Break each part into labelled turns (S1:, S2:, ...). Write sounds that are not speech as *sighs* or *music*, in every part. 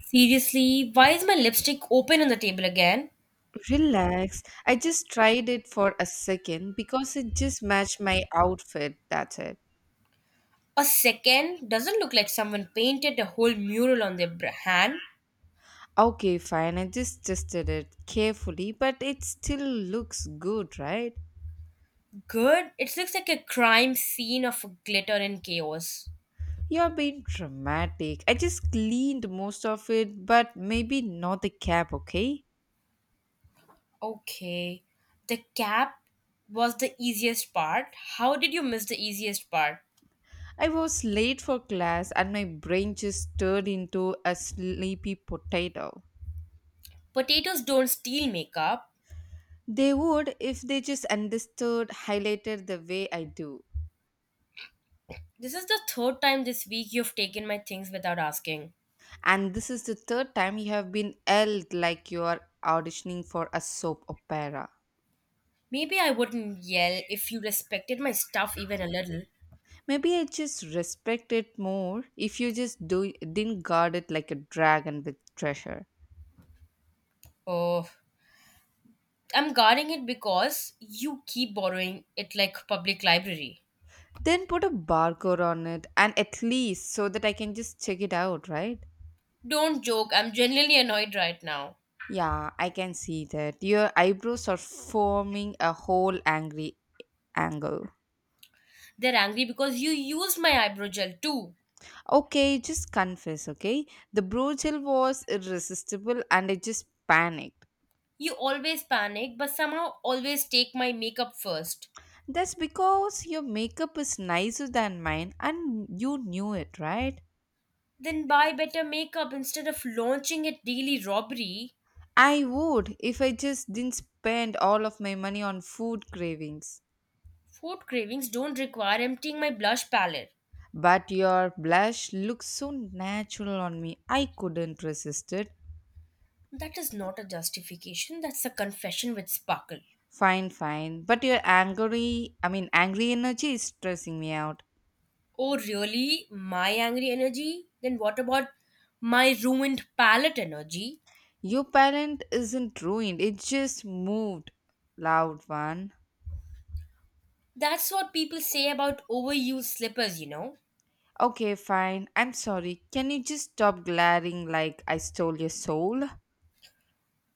S1: Seriously, why is my lipstick open on the table again?
S2: Relax. I just tried it for a second because it just matched my outfit. That's it.
S1: A second doesn't look like someone painted a whole mural on their hand.
S2: Okay, fine. I just tested it carefully, but it still looks good, right?
S1: Good, it looks like a crime scene of glitter and chaos.
S2: You're being dramatic. I just cleaned most of it, but maybe not the cap, okay?
S1: Okay, the cap was the easiest part. How did you miss the easiest part?
S2: I was late for class and my brain just turned into a sleepy potato.
S1: Potatoes don't steal makeup.
S2: They would if they just understood, highlighted the way I do.
S1: This is the third time this week you've taken my things without asking.
S2: And this is the third time you have been yelled like you are auditioning for a soap opera.
S1: Maybe I wouldn't yell if you respected my stuff even a little.
S2: Maybe I just respect it more if you just do, didn't guard it like a dragon with treasure.
S1: Oh, I'm guarding it because you keep borrowing it like public library.
S2: Then put a barcode on it and at least so that I can just check it out, right?
S1: Don't joke, I'm genuinely annoyed right now.
S2: Yeah, I can see that. Your eyebrows are forming a whole angry angle.
S1: They're angry because you use my eyebrow gel too.
S2: Okay, just confess, okay? The bro gel was irresistible and I just panicked.
S1: You always panic but somehow always take my makeup first.
S2: That's because your makeup is nicer than mine and you knew it, right?
S1: Then buy better makeup instead of launching at daily robbery.
S2: I would if I just didn't spend all of my money on food cravings.
S1: Food cravings don't require emptying my blush palette.
S2: But your blush looks so natural on me. I couldn't resist it.
S1: That is not a justification, that's a confession with sparkle.
S2: Fine, fine. But your angry, I mean, angry energy is stressing me out.
S1: Oh, really? My angry energy? Then what about my ruined palate energy?
S2: Your parent isn't ruined, it just moved. Loud one.
S1: That's what people say about overused slippers, you know.
S2: Okay, fine. I'm sorry. Can you just stop glaring like I stole your soul?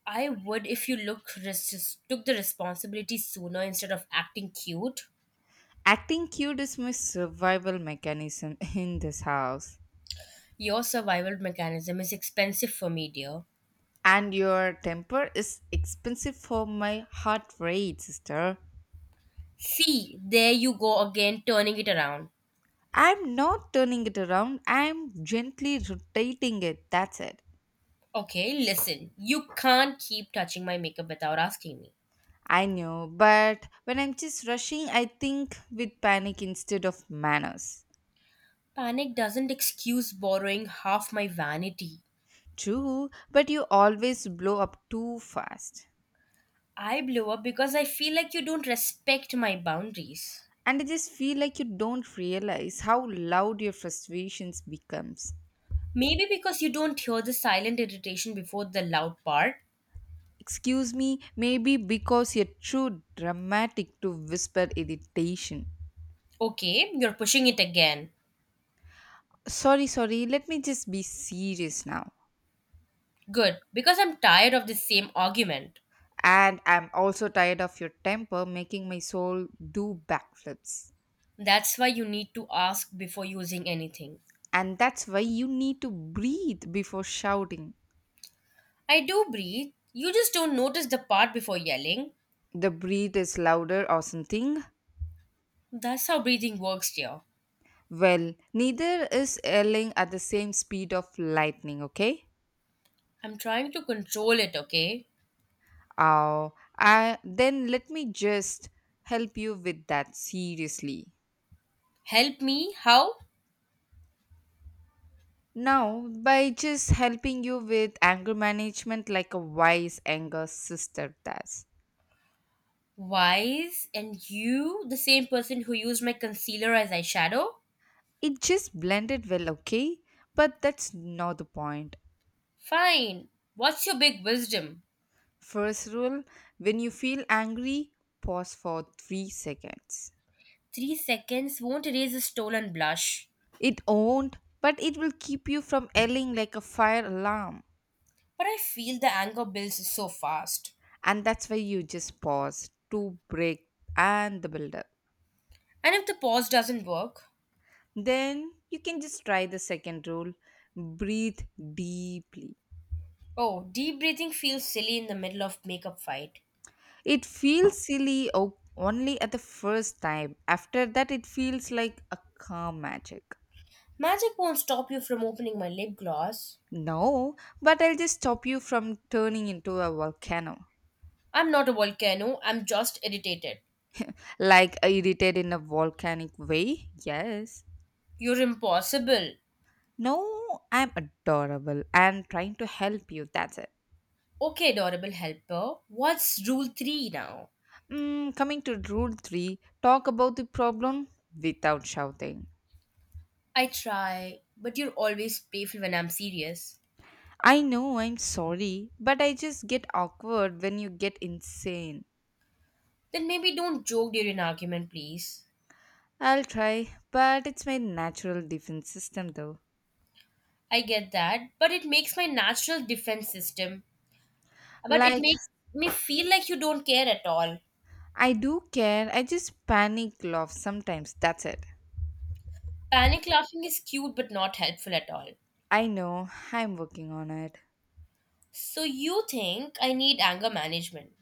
S1: I would if you took the responsibility sooner instead of acting cute.
S2: Acting cute is my survival mechanism *laughs* in this house.
S1: Your survival mechanism is expensive for me, dear.
S2: And your temper is expensive for my heart rate, sister.
S1: See, there you go again, turning it around.
S2: I'm not turning it around, I'm gently rotating it. That's it.
S1: Okay, listen, you can't keep touching my makeup without asking me.
S2: I know, but when I'm just rushing, I think with panic instead of manners.
S1: Panic doesn't excuse borrowing half my vanity.
S2: True, but you always blow up too fast.
S1: I blew up because I feel like you don't respect my boundaries.
S2: And I just feel like you don't realize how loud your frustrations becomes.
S1: Maybe because you don't hear the silent irritation before the loud part.
S2: Excuse me, maybe because you're too dramatic to whisper irritation.
S1: Okay, you're pushing it again.
S2: Sorry, sorry, let me just be serious now.
S1: Good, because I'm tired of the same argument.
S2: And I'm also tired of your temper making my soul do backflips.
S1: That's why you need to ask before using anything.
S2: And that's why you need to breathe before shouting.
S1: I do breathe. You just don't notice the part before yelling.
S2: The breathe is louder or something.
S1: That's how breathing works, dear.
S2: Well, neither is yelling at the same speed of lightning, okay?
S1: I'm trying to control it, okay?
S2: Oh, I, then let me just help you with that seriously.
S1: Help me? How?
S2: Now, by just helping you with anger management like a wise anger sister does.
S1: Wise and you, the same person who used my concealer as eyeshadow?
S2: It just blended well, okay? But that's not the point.
S1: Fine. What's your big wisdom?
S2: First rule, when you feel angry, pause for 3 seconds.
S1: 3 seconds won't erase a stolen blush.
S2: It won't, but it will keep you from yelling like a fire alarm.
S1: But I feel the anger builds so fast.
S2: And that's why you just pause to break and the build up.
S1: And if the pause doesn't work?
S2: Then you can just try the second rule, breathe deeply.
S1: Oh, deep breathing feels silly in the middle of makeup fight.
S2: It feels silly only at the first time. After that, it feels like a calm magic.
S1: Magic won't stop you from opening my lip gloss.
S2: No, but I'll just stop you from turning into a volcano.
S1: I'm not a volcano, I'm just irritated.
S2: Like I irritated in a volcanic way? Yes.
S1: You're impossible.
S2: No, I'm adorable and trying to help you. That's it.
S1: Okay, adorable helper, what's rule three now?
S2: Mm, coming to rule three, talk about the problem without shouting.
S1: I try, but you're always playful when I'm serious.
S2: I know, I'm sorry, but I just get awkward when you get insane.
S1: Then maybe don't joke during an argument, please.
S2: I'll try, but it's my natural defense system though.
S1: I get that, but it makes my natural defense system. But it
S2: Like,
S1: makes me feel like you don't care at all.
S2: I do care, I just panic laugh sometimes, that's it.
S1: Panic laughing is cute but not helpful at all.
S2: I know, I'm working on it.
S1: So you think I need anger management?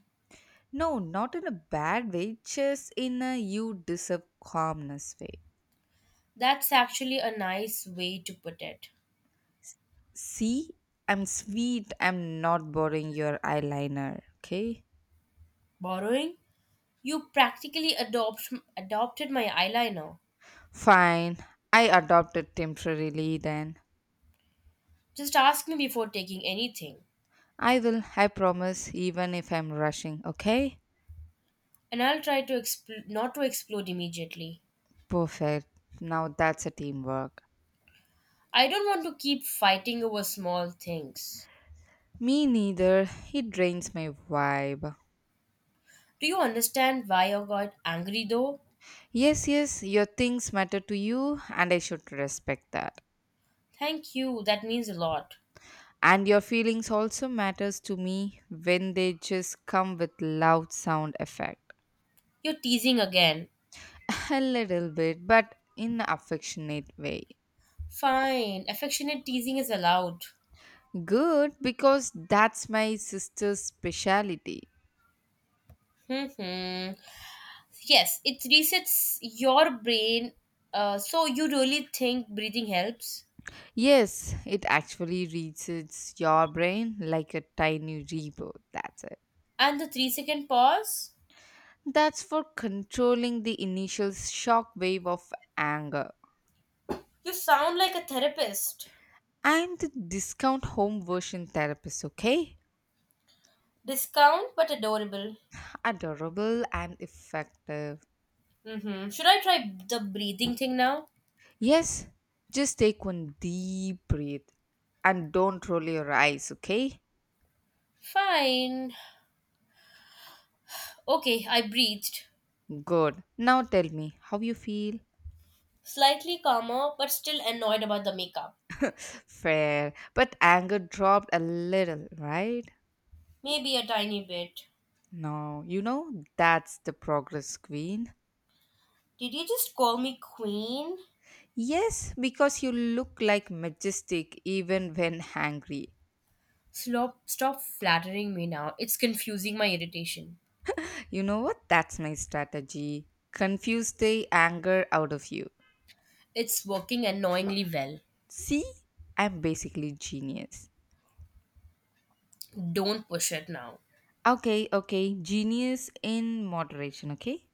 S2: No, not in a bad way, just in a you deserve calmness way.
S1: That's actually a nice way to put it.
S2: See, I'm sweet, I'm not borrowing your eyeliner, okay?
S1: Borrowing? You practically adopted my eyeliner.
S2: Fine, I adopt it temporarily then.
S1: Just ask me before taking anything,
S2: I will, I promise, even if I'm rushing, okay?
S1: and I'll try to not to explode immediately.
S2: Perfect. Now that's a teamwork.
S1: I don't want to keep fighting over small things.
S2: Me neither. It drains my vibe.
S1: Do you understand why I got angry though?
S2: Yes, yes, your things matter to you and I should respect that.
S1: Thank you, that means a lot.
S2: And your feelings also matters to me when they just come with loud sound effect.
S1: You're teasing again.
S2: *laughs* A little bit, but in affectionate way.
S1: Fine, affectionate teasing is allowed.
S2: Good, because that's my sister's speciality.
S1: Hmm, hmm. Yes, it resets your brain. So you really think breathing helps?
S2: Yes, it actually reaches your brain like a tiny rebirth. That's it.
S1: And the 3-second pause?
S2: That's for controlling the initial shock wave of anger.
S1: You sound like a therapist.
S2: I'm the discount home version therapist, okay?
S1: Discount but adorable.
S2: Adorable and effective.
S1: Hmm, hmm. Should I try the breathing thing now?
S2: Yes, just take one deep breath and don't roll your eyes, okay?
S1: Fine. Okay, I breathed.
S2: Good. Now tell me how you feel.
S1: Slightly calmer, but still annoyed about the makeup.
S2: *laughs* Fair, but anger dropped a little, right?
S1: Maybe a tiny bit.
S2: No, you know, that's the progress, Queen.
S1: Did you just call me queen?
S2: Yes, because you look like majestic even when angry.
S1: Stop, stop flattering me now. It's confusing my irritation.
S2: You know what? That's my strategy. Confuse the anger out of you.
S1: It's working annoyingly well.
S2: See? I'm basically genius.
S1: Don't push it now.
S2: Okay, okay. Genius in moderation, okay?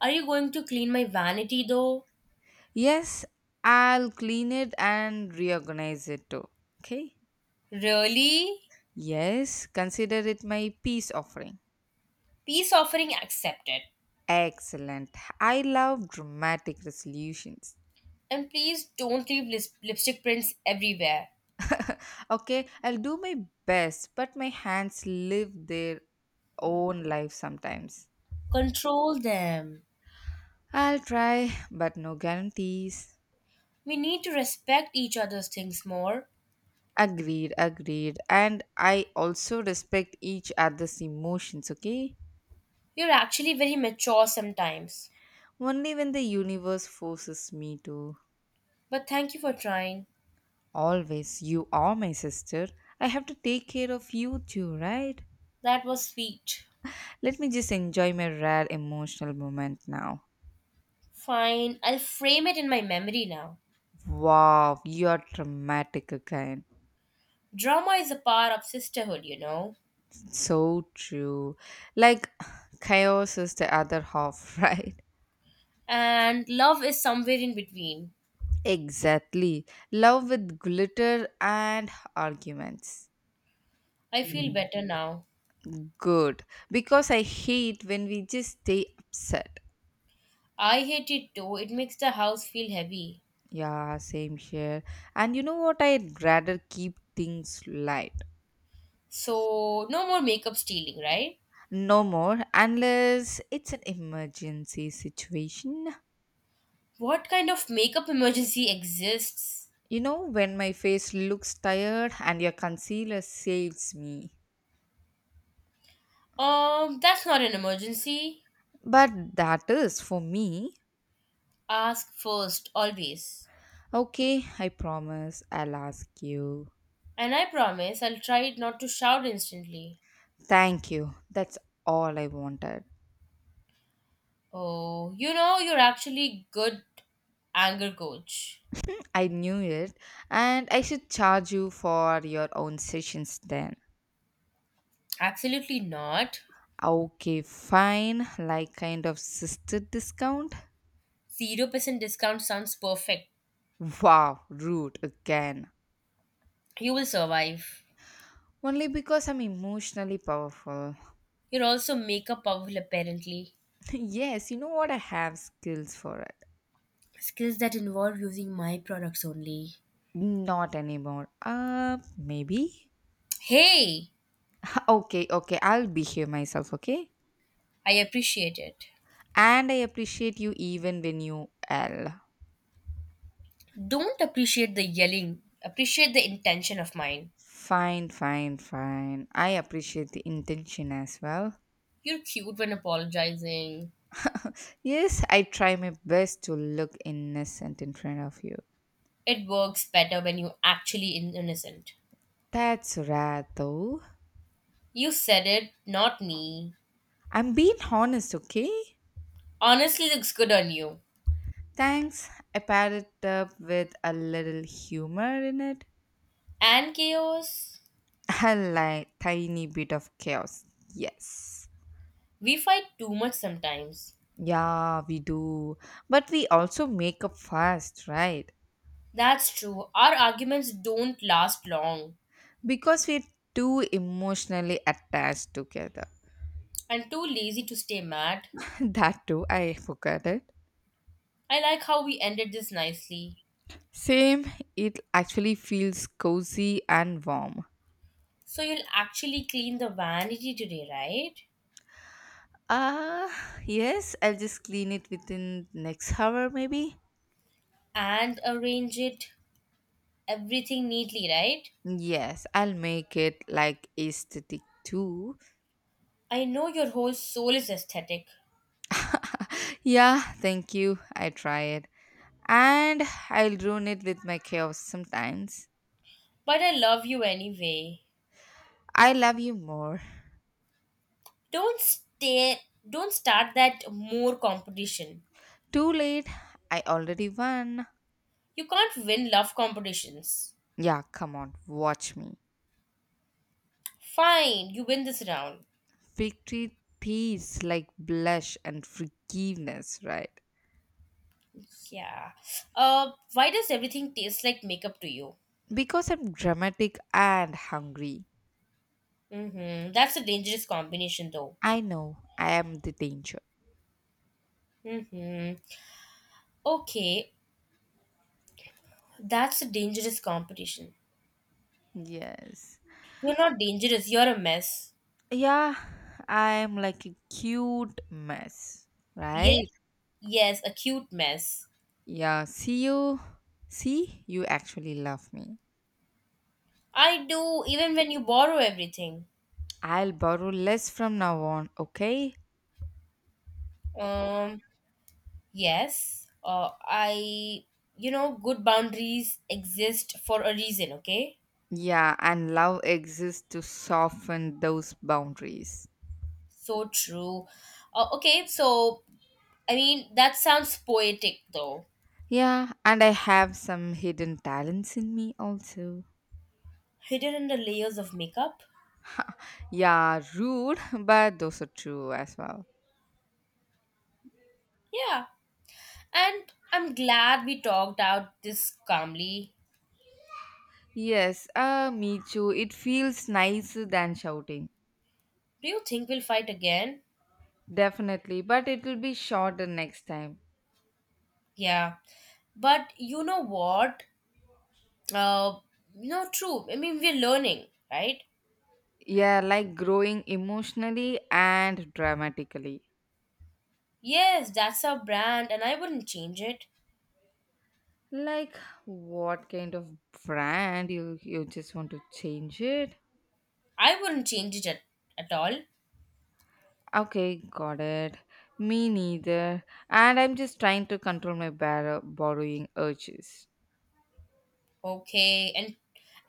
S1: Are you going to clean my vanity though?
S2: Yes, I'll clean it and reorganize it too. Okay?
S1: Really?
S2: Yes, consider it my peace offering.
S1: Peace offering accepted.
S2: Excellent. I love dramatic resolutions.
S1: And please don't leave lipstick prints everywhere.
S2: Okay, I'll do my best, but my hands live their own life sometimes.
S1: Control them.
S2: I'll try, but no guarantees.
S1: We need to respect each other's things more.
S2: Agreed, agreed. And I also respect each other's emotions, okay?
S1: You're actually very mature sometimes.
S2: Only when the universe forces me to.
S1: But thank you for trying.
S2: Always, you are my sister. I have to take care of you too, right?
S1: That was sweet.
S2: Let me just enjoy my rare emotional moment now.
S1: Fine, I'll frame it in my memory now.
S2: Wow, you are dramatic again.
S1: Drama is a part of sisterhood, you know,
S2: So true. Like, *sighs* chaos is the other half, *laughs* right?
S1: and love is somewhere in between.
S2: Exactly. Love with glitter and arguments.
S1: I feel better now.
S2: Good. Because I hate when we just stay upset.
S1: I hate it too, it makes the house feel heavy.
S2: Yeah, same here. And you know what? I'd rather keep things light.
S1: So, no more makeup stealing, right?
S2: No more, unless it's an emergency situation.
S1: What kind of makeup emergency exists?
S2: You know, when my face looks tired and your concealer saves me.
S1: That's not an emergency.
S2: But that is for me.
S1: Ask first, always.
S2: Okay, I promise I'll ask you.
S1: And I promise I'll try not to shout instantly.
S2: Thank you. That's all I wanted.
S1: Oh, you know, you're actually good anger coach.
S2: I knew it, and I should charge you for your own sessions then.
S1: Absolutely not.
S2: Okay, fine. Like kind of sister discount?
S1: 0% discount sounds perfect.
S2: Wow, rude again.
S1: You will survive.
S2: Only because I'm emotionally powerful.
S1: You're also makeup powerful, apparently.
S2: *laughs* Yes, you know what? I have skills for it.
S1: Skills that involve using my products only.
S2: Not anymore. Maybe?
S1: Hey,
S2: *laughs* Okay, okay. I'll behave myself, okay?
S1: I appreciate it.
S2: And I appreciate you even when you L.
S1: Don't appreciate the yelling, appreciate the intention of mine.
S2: Fine, fine, fine. I appreciate the intention as well.
S1: You're cute when apologizing.
S2: Yes, I try my best to look innocent in front of you.
S1: It works better when you actually innocent.
S2: That's rare though.
S1: You said it, not me.
S2: I'm being honest, okay?
S1: Honestly looks good on you.
S2: Thanks. I paired it up with a little humor in it.
S1: And chaos.
S2: *laughs* A like tiny bit of chaos. Yes.
S1: We fight too much sometimes.
S2: Yeah, we do. But we also make up fast, right?
S1: That's true. Our arguments don't last long.
S2: Because we're too emotionally attached together.
S1: I'm too lazy to stay mad.
S2: *laughs* That too, I forgot it.
S1: I like how we ended this nicely.
S2: Same, it actually feels cozy and warm.
S1: So you'll actually clean the vanity today, right?
S2: Ah, yes, I'll just clean it within next hour maybe.
S1: And arrange it everything neatly, right?
S2: Yes, I'll make it like aesthetic too.
S1: I know your whole soul is aesthetic,
S2: Yeah, thank you. I try it. And I'll ruin it with my chaos sometimes.
S1: but I love you anyway.
S2: I love you more.
S1: Don't stay don't start that more competition.
S2: Too late. I already won.
S1: You can't win love competitions.
S2: Yeah, come on, watch me.
S1: Fine, you win this round.
S2: Victory themes like blush and forgiveness, right?
S1: Yeah. Why does everything taste like makeup to you?
S2: Because I'm dramatic and hungry.
S1: Mm-hmm. That's a dangerous combination, though.
S2: I know I am the danger.
S1: Mm-hmm. Okay, that's a dangerous competition.
S2: Yes.
S1: You're not dangerous. You're a mess.
S2: Yeah, I'm like a cute mess.
S1: Yes,
S2: Right?
S1: yes, a cute mess.
S2: Yeah, see you. See, you actually love me.
S1: I do even when you borrow everything.
S2: I'll borrow less from now on, okay?
S1: Um. Yes. I. You know, good boundaries exist for a reason. Okay.
S2: Yeah, and love exists to soften those boundaries.
S1: So true. Okay. So I mean, that sounds poetic, though.
S2: Yeah, and I have some hidden talents in me also.
S1: Hidden in the layers of makeup.
S2: Yeah, rude, *laughs* but those are true as well.
S1: Yeah, and I'm glad we talked out this calmly.
S2: Yes, me too. It feels nicer than shouting.
S1: Do you think we'll fight again?
S2: Definitely, but it will be shorter next time.
S1: Yeah, but you know what? Uh, no, true. I mean, we're learning, right?
S2: Yeah, like growing emotionally and dramatically.
S1: Yes, that's our brand, and I wouldn't change it.
S2: Like, what kind of brand you just want to change it?
S1: I wouldn't change it at all.
S2: Okay, got it. Me neither. And I'm just trying to control my borrowing urges.
S1: Okay, and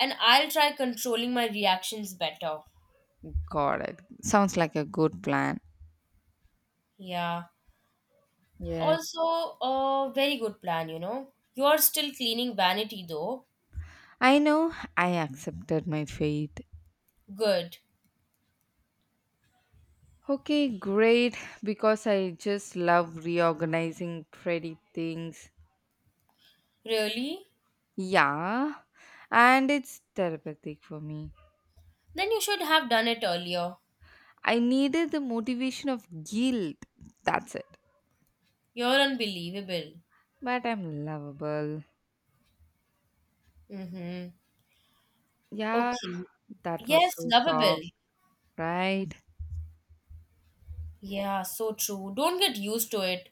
S1: and I'll try controlling my reactions better.
S2: Got it. Sounds like a good plan.
S1: Yeah.
S2: Yes.
S1: Also, a very good plan, you know. You are still cleaning vanity though.
S2: I know, I accepted my fate.
S1: Good.
S2: Okay, great. Because I just love reorganizing pretty things.
S1: Really?
S2: Yeah. And it's therapeutic for me.
S1: Then you should have done it earlier.
S2: I needed the motivation of guilt. That's it.
S1: You're unbelievable.
S2: But I'm lovable.
S1: Mm-hmm.
S2: Yeah,
S1: Okay.
S2: that was
S1: Yes,
S2: so
S1: lovable.
S2: soft, right?
S1: Yeah, so true. Don't get used to it.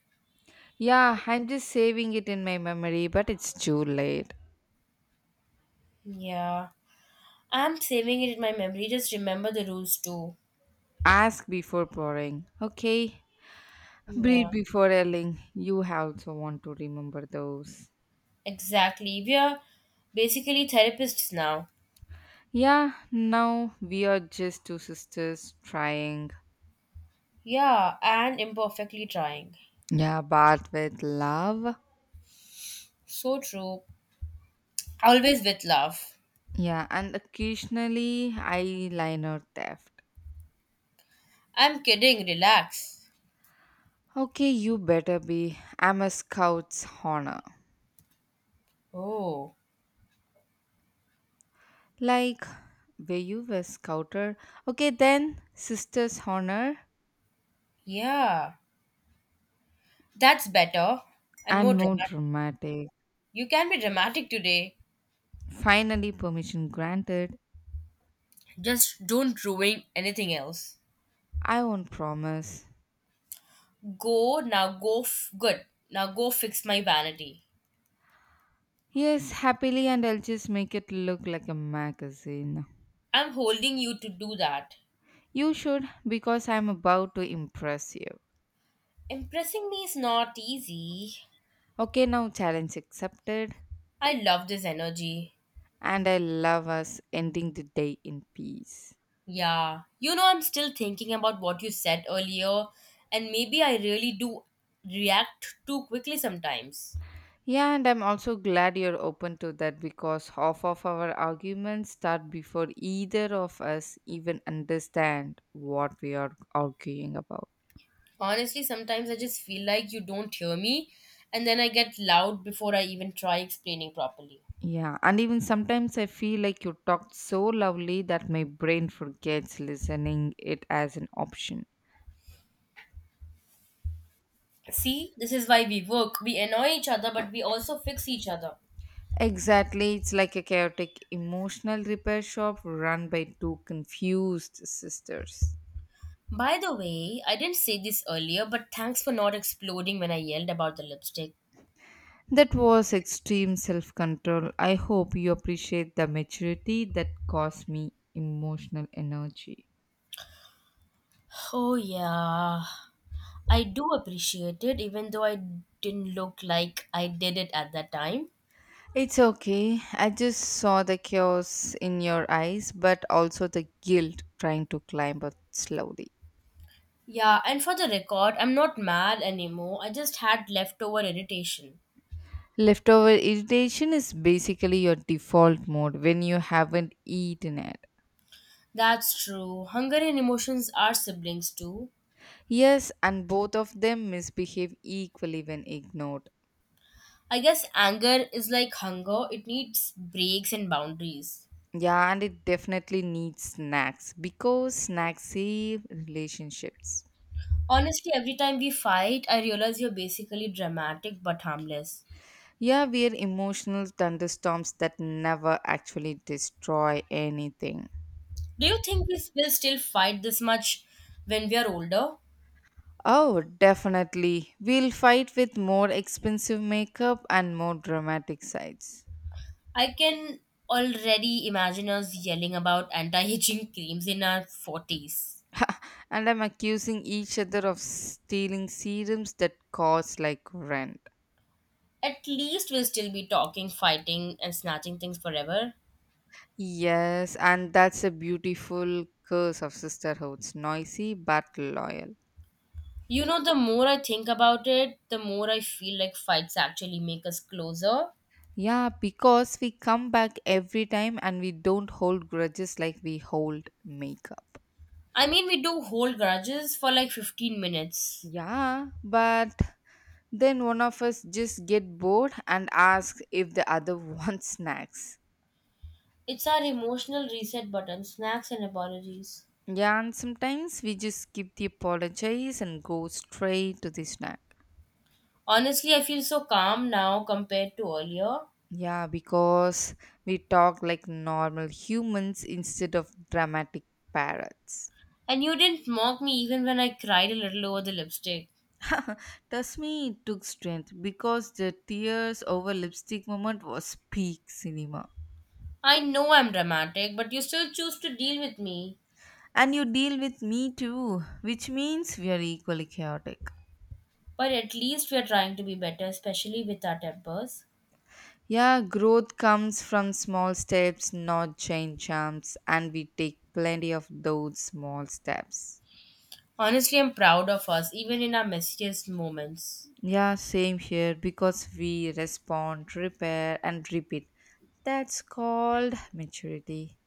S2: Yeah, I'm just saving it in my memory, but it's too late.
S1: Yeah. I'm saving it in my memory. Just remember the rules too.
S2: Ask before pouring, okay?
S1: Yeah,
S2: Breathe before yelling. You also want to remember those.
S1: exactly. We are basically therapists now.
S2: Yeah, now we are just two sisters trying.
S1: Yeah, and imperfectly trying.
S2: Yeah, bath with love.
S1: So true. Always with love.
S2: Yeah, and occasionally eyeliner theft.
S1: I'm kidding, relax.
S2: Okay, you better be. I'm a scout's honor.
S1: Oh,
S2: Like, were you a scouter? Okay, then sister's honor.
S1: yeah. That's better and more
S2: And more
S1: dramatic.
S2: dramatic.
S1: You can be dramatic today.
S2: Finally, permission granted.
S1: Just don't ruin anything else.
S2: I won't promise.
S1: Go now, good. Now go fix my vanity.
S2: Yes, happily, and I'll just make it look like a magazine.
S1: I'm holding you to do that.
S2: You should, because I'm about to impress you.
S1: Impressing me is not easy.
S2: Okay, now challenge accepted,
S1: I love this energy.
S2: and I love us ending the day in peace.
S1: Yeah, you know, I'm still thinking about what you said earlier, and maybe I really do react too quickly sometimes.
S2: Yeah, and I'm also glad you're open to that because half of our arguments start before either of us even understand what we are arguing about.
S1: Honestly, sometimes I just feel like you don't hear me, and then I get loud before I even try explaining properly.
S2: Yeah, and even sometimes I feel like you talked so lovely that my brain forgets listening it as an option.
S1: See, this is why we work. We annoy each other, but we also fix each other.
S2: Exactly, it's like a chaotic emotional repair shop run by two confused sisters.
S1: By the way, I didn't say this earlier, but thanks for not exploding when I yelled about the lipstick.
S2: That was extreme self control. I hope you appreciate the maturity that cost me emotional energy.
S1: Oh, yeah. I do appreciate it, even though I didn't look like I did it at that time.
S2: It's okay. I just saw the chaos in your eyes, but also the guilt trying to climb up slowly.
S1: Yeah, and for the record, I'm not mad anymore. I just had leftover irritation.
S2: Leftover irritation is basically your default mode when you haven't eaten it.
S1: That's true. Hunger and emotions are siblings too.
S2: Yes, and both of them misbehave equally when ignored.
S1: I guess anger is like hunger, it needs breaks and boundaries.
S2: Yeah, and it definitely needs snacks because snacks save relationships.
S1: Honestly, every time we fight, I realize you're basically dramatic but harmless.
S2: Yeah, we are emotional thunderstorms that never actually destroy anything.
S1: Do you think we will still fight this much when we are older?
S2: Oh, definitely. We'll fight with more expensive makeup and more dramatic sides.
S1: I can already imagine us yelling about anti aging *laughs* creams in our 40s.
S2: And I'm accusing each other of stealing serums that cost like rent.
S1: At least we'll still be talking, fighting, and snatching things forever.
S2: Yes, and that's a beautiful curse of sisterhoods noisy but loyal.
S1: You know, the more I think about it, the more I feel like fights actually make us closer.
S2: Yeah, because we come back every time and we don't hold grudges like we hold makeup.
S1: I mean, we do hold grudges for like 15 minutes.
S2: Yeah, but then one of us just get bored and asks if the other *laughs* wants snacks.
S1: It's our emotional reset button, snacks and apologies.
S2: Yeah, and sometimes we just skip the apologies and go straight to the snack.
S1: Honestly, I feel so calm now compared to earlier.
S2: Yeah, because we talk like normal humans instead of dramatic parrots.
S1: And you didn't mock me even when I cried a little over the lipstick.
S2: *laughs* Trust me, it took strength because the tears over lipstick moment was peak cinema.
S1: I know I'm dramatic, but you still choose to deal with me.
S2: And you deal with me too, which means we are equally chaotic.
S1: But at least we're trying to be better, especially with our tempers.
S2: Yeah, growth comes from small steps, not chain jumps, and we take plenty of those small steps.
S1: Honestly, I'm proud of us, even in our messiest moments.
S2: Yeah, same here because we respond, repair, and repeat. That's called maturity.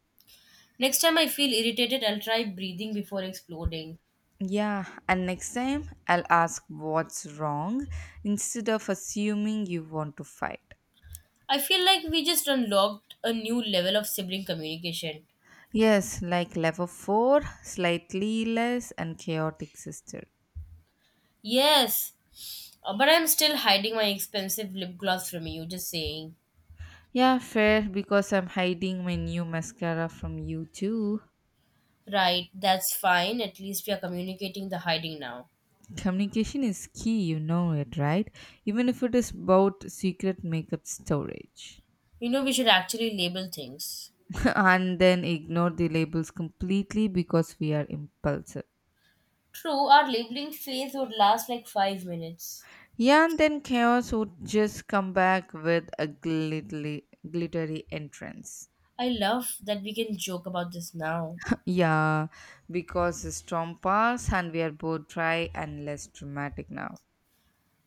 S1: Next time I feel irritated, I'll try breathing before exploding.
S2: Yeah, and next time I'll ask what's wrong instead of assuming you want to fight.
S1: I feel like we just unlocked a new level of sibling communication.
S2: Yes, like level 4, slightly less and chaotic sister.
S1: Yes, but I'm still hiding my expensive lip gloss from you, just saying.
S2: Yeah, fair because I'm hiding my new mascara from you too.
S1: Right, that's fine. At least we are communicating the hiding now.
S2: Communication is key, you know it, right? Even if it is about secret makeup storage.
S1: You know, we should actually label things.
S2: And then ignore the labels completely because we are impulsive.
S1: True, our labeling phase would last like 5 minutes.
S2: Yeah, and then chaos would just come back with a glittery entrance.
S1: I love that we can joke about this now.
S2: *laughs* Yeah, because the storm passed and we are both dry and less dramatic now.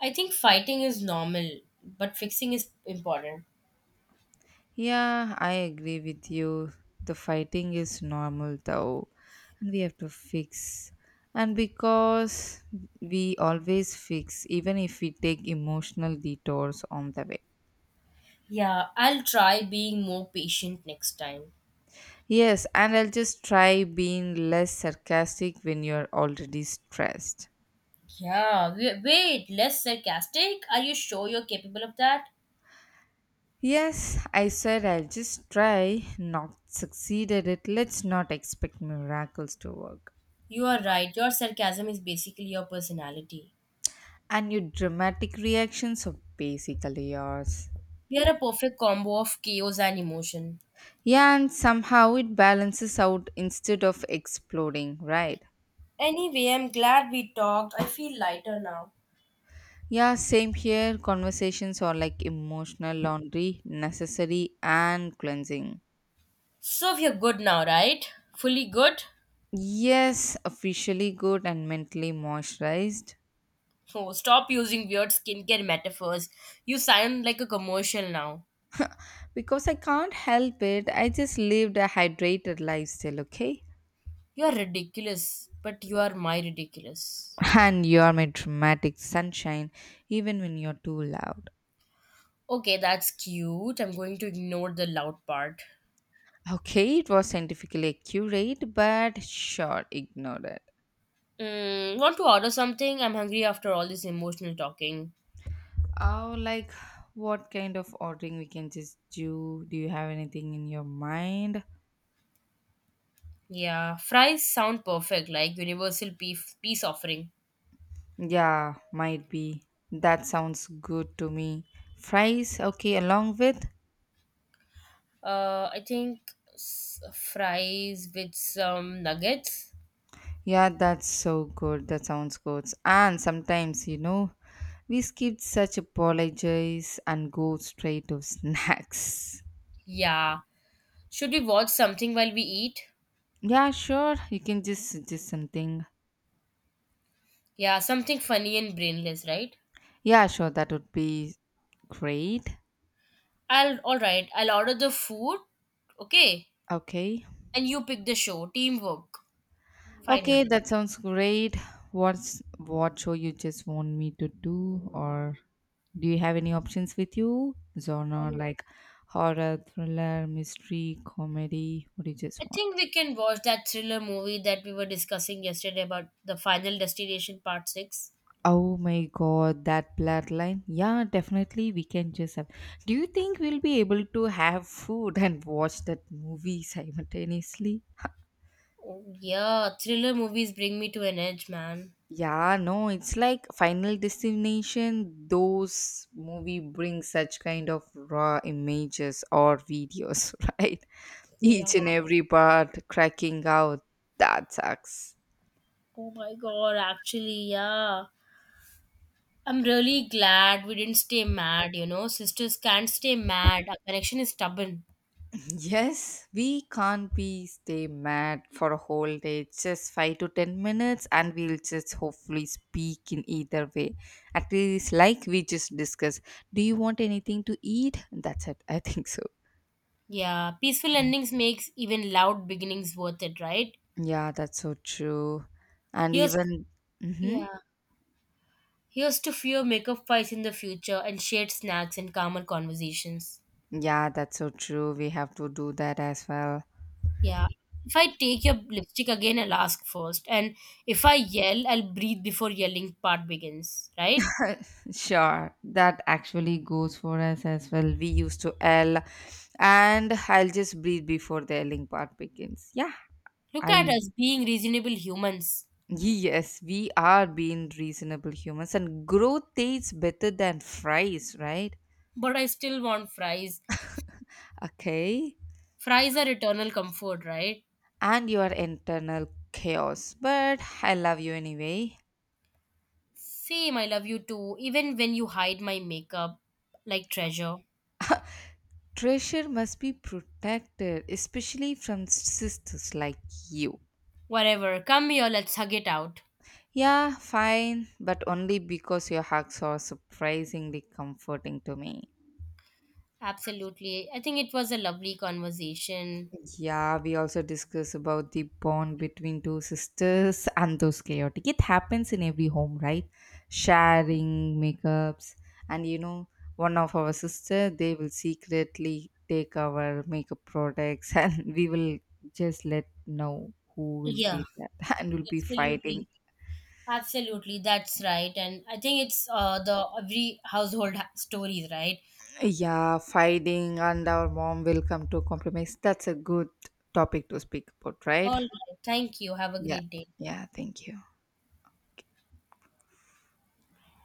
S1: I think fighting is normal, but fixing is important.
S2: Yeah, I agree with you. The fighting is normal though, and we have to fix. And because we always fix, even if we take emotional detours on the way.
S1: Yeah, I'll try being more patient next time.
S2: Yes, and I'll just try being less sarcastic when you're already stressed.
S1: Yeah, wait, less sarcastic? Are you sure you're capable of that?
S2: Yes, I said I'll just try, not succeed at it. Let's not expect miracles to work.
S1: You are right, your sarcasm is basically your personality.
S2: And your dramatic reactions are basically yours.
S1: We are a perfect combo of chaos and emotion.
S2: Yeah, and somehow it balances out instead of exploding, right?
S1: Anyway, I'm glad we talked. I feel lighter now.
S2: Yeah, same here. Conversations are like emotional laundry, necessary and cleansing.
S1: So you're good now, right? Fully good?
S2: Yes, officially good and mentally moisturized.
S1: Oh, stop using weird skincare metaphors. You sound like a commercial now.
S2: Because I can't help it, I just lived a hydrated lifestyle, okay?
S1: You are ridiculous, but you are my ridiculous.
S2: And you are my dramatic sunshine, even when you're too loud.
S1: Okay, that's cute. I'm going to ignore the loud part.
S2: Okay, it was scientifically accurate, but sure, ignore it.
S1: Want to order something? I'm hungry after all this emotional talking.
S2: Oh, like what kind of ordering we can just do? Do you have anything in your mind?
S1: Yeah, fries sound perfect, like universal peace, peace offering.
S2: Yeah, might be. That sounds good to me. Fries, okay, along with?
S1: I think fries with some nuggets.
S2: Yeah, that's so good. That sounds good. And sometimes, you know, we skip such apologies and go straight to *laughs* snacks.
S1: Yeah. Should we watch something while we eat?
S2: Yeah, sure. You can just suggest something.
S1: Yeah, something funny and brainless, right?
S2: Yeah, sure. That would be great.
S1: I'll all right. I'll order the food. Okay,
S2: Okay.
S1: and you pick the show. Teamwork.
S2: Okay,
S1: Finally.
S2: that sounds great. What show you just want me to do, or do you have any options with you? Genre like horror, thriller, mystery, comedy. What do you just
S1: I
S2: want?
S1: think we can watch that thriller movie that we were discussing yesterday about the Final Destination Part 6.
S2: Oh my god, that blur line. Yeah, definitely we can just have. Do you think we'll be able to have food and watch that movie *laughs* simultaneously?
S1: Oh, yeah, thriller movies bring me to an edge, man.
S2: Yeah, no, it's like Final Destination. Those movie bring such kind of raw images or videos, *laughs* right?
S1: Yeah.
S2: Each and every part cracking out. That sucks.
S1: Oh my god, actually, yeah. I'm really glad we didn't stay mad, you know. Sisters can't stay mad. Our connection is stubborn.
S2: Yes, we can't be stay mad for a whole day. Just 5 to 10 minutes, and we'll just hopefully speak in either way. At least, like we just discussed. Do you want anything to eat? That's it. *laughs* I think so.
S1: Yeah, peaceful endings makes even loud beginnings worth it, right?
S2: Yeah, that's so true. And
S1: Here's
S2: even, hmm
S1: yeah. Here's to fewer makeup fights in the future and shared snacks and calmer conversations.
S2: yeah, that's so true. We have to do that as well.
S1: Yeah. If I take your lipstick again, I'll ask first. And if I yell, I'll breathe before yelling part begins, right?
S2: *laughs* Sure, that actually goes for us as well. We used to L, and I'll just breathe before the Lling part begins. Yeah.
S1: Look at
S2: I
S1: us being reasonable humans.
S2: Yes, we are being reasonable humans, and growth tastes better than fries, right?
S1: But I still want fries.
S2: Okay,
S1: Fries are eternal comfort, right?
S2: and your internal chaos, but I love you anyway.
S1: Same, I love you too, even when you hide my makeup like treasure.
S2: Treasure must be protected, especially from sisters like you.
S1: Whatever, come here, let's hug it out.
S2: Yeah, fine, but only because your hugs are surprisingly comforting to me.
S1: Absolutely. I think it was a lovely conversation.
S2: Yeah, we also discuss about the bond between two sisters *laughs* and those chaotic. It happens in every home, right? Sharing makeups, and you know, one of our sister they will secretly take our makeup products, *laughs* and we will just let know who will
S1: Yeah,
S2: be that, *laughs* and we'll be
S1: absolutely.
S2: fighting.
S1: Absolutely, that's right. And I think it's the every household stories, right?
S2: Yeah, fighting, and our mom will come to compromise. That's a good topic to speak about, right?
S1: All right. Thank you. Have a
S2: Yeah,
S1: great day.
S2: yeah. Thank you.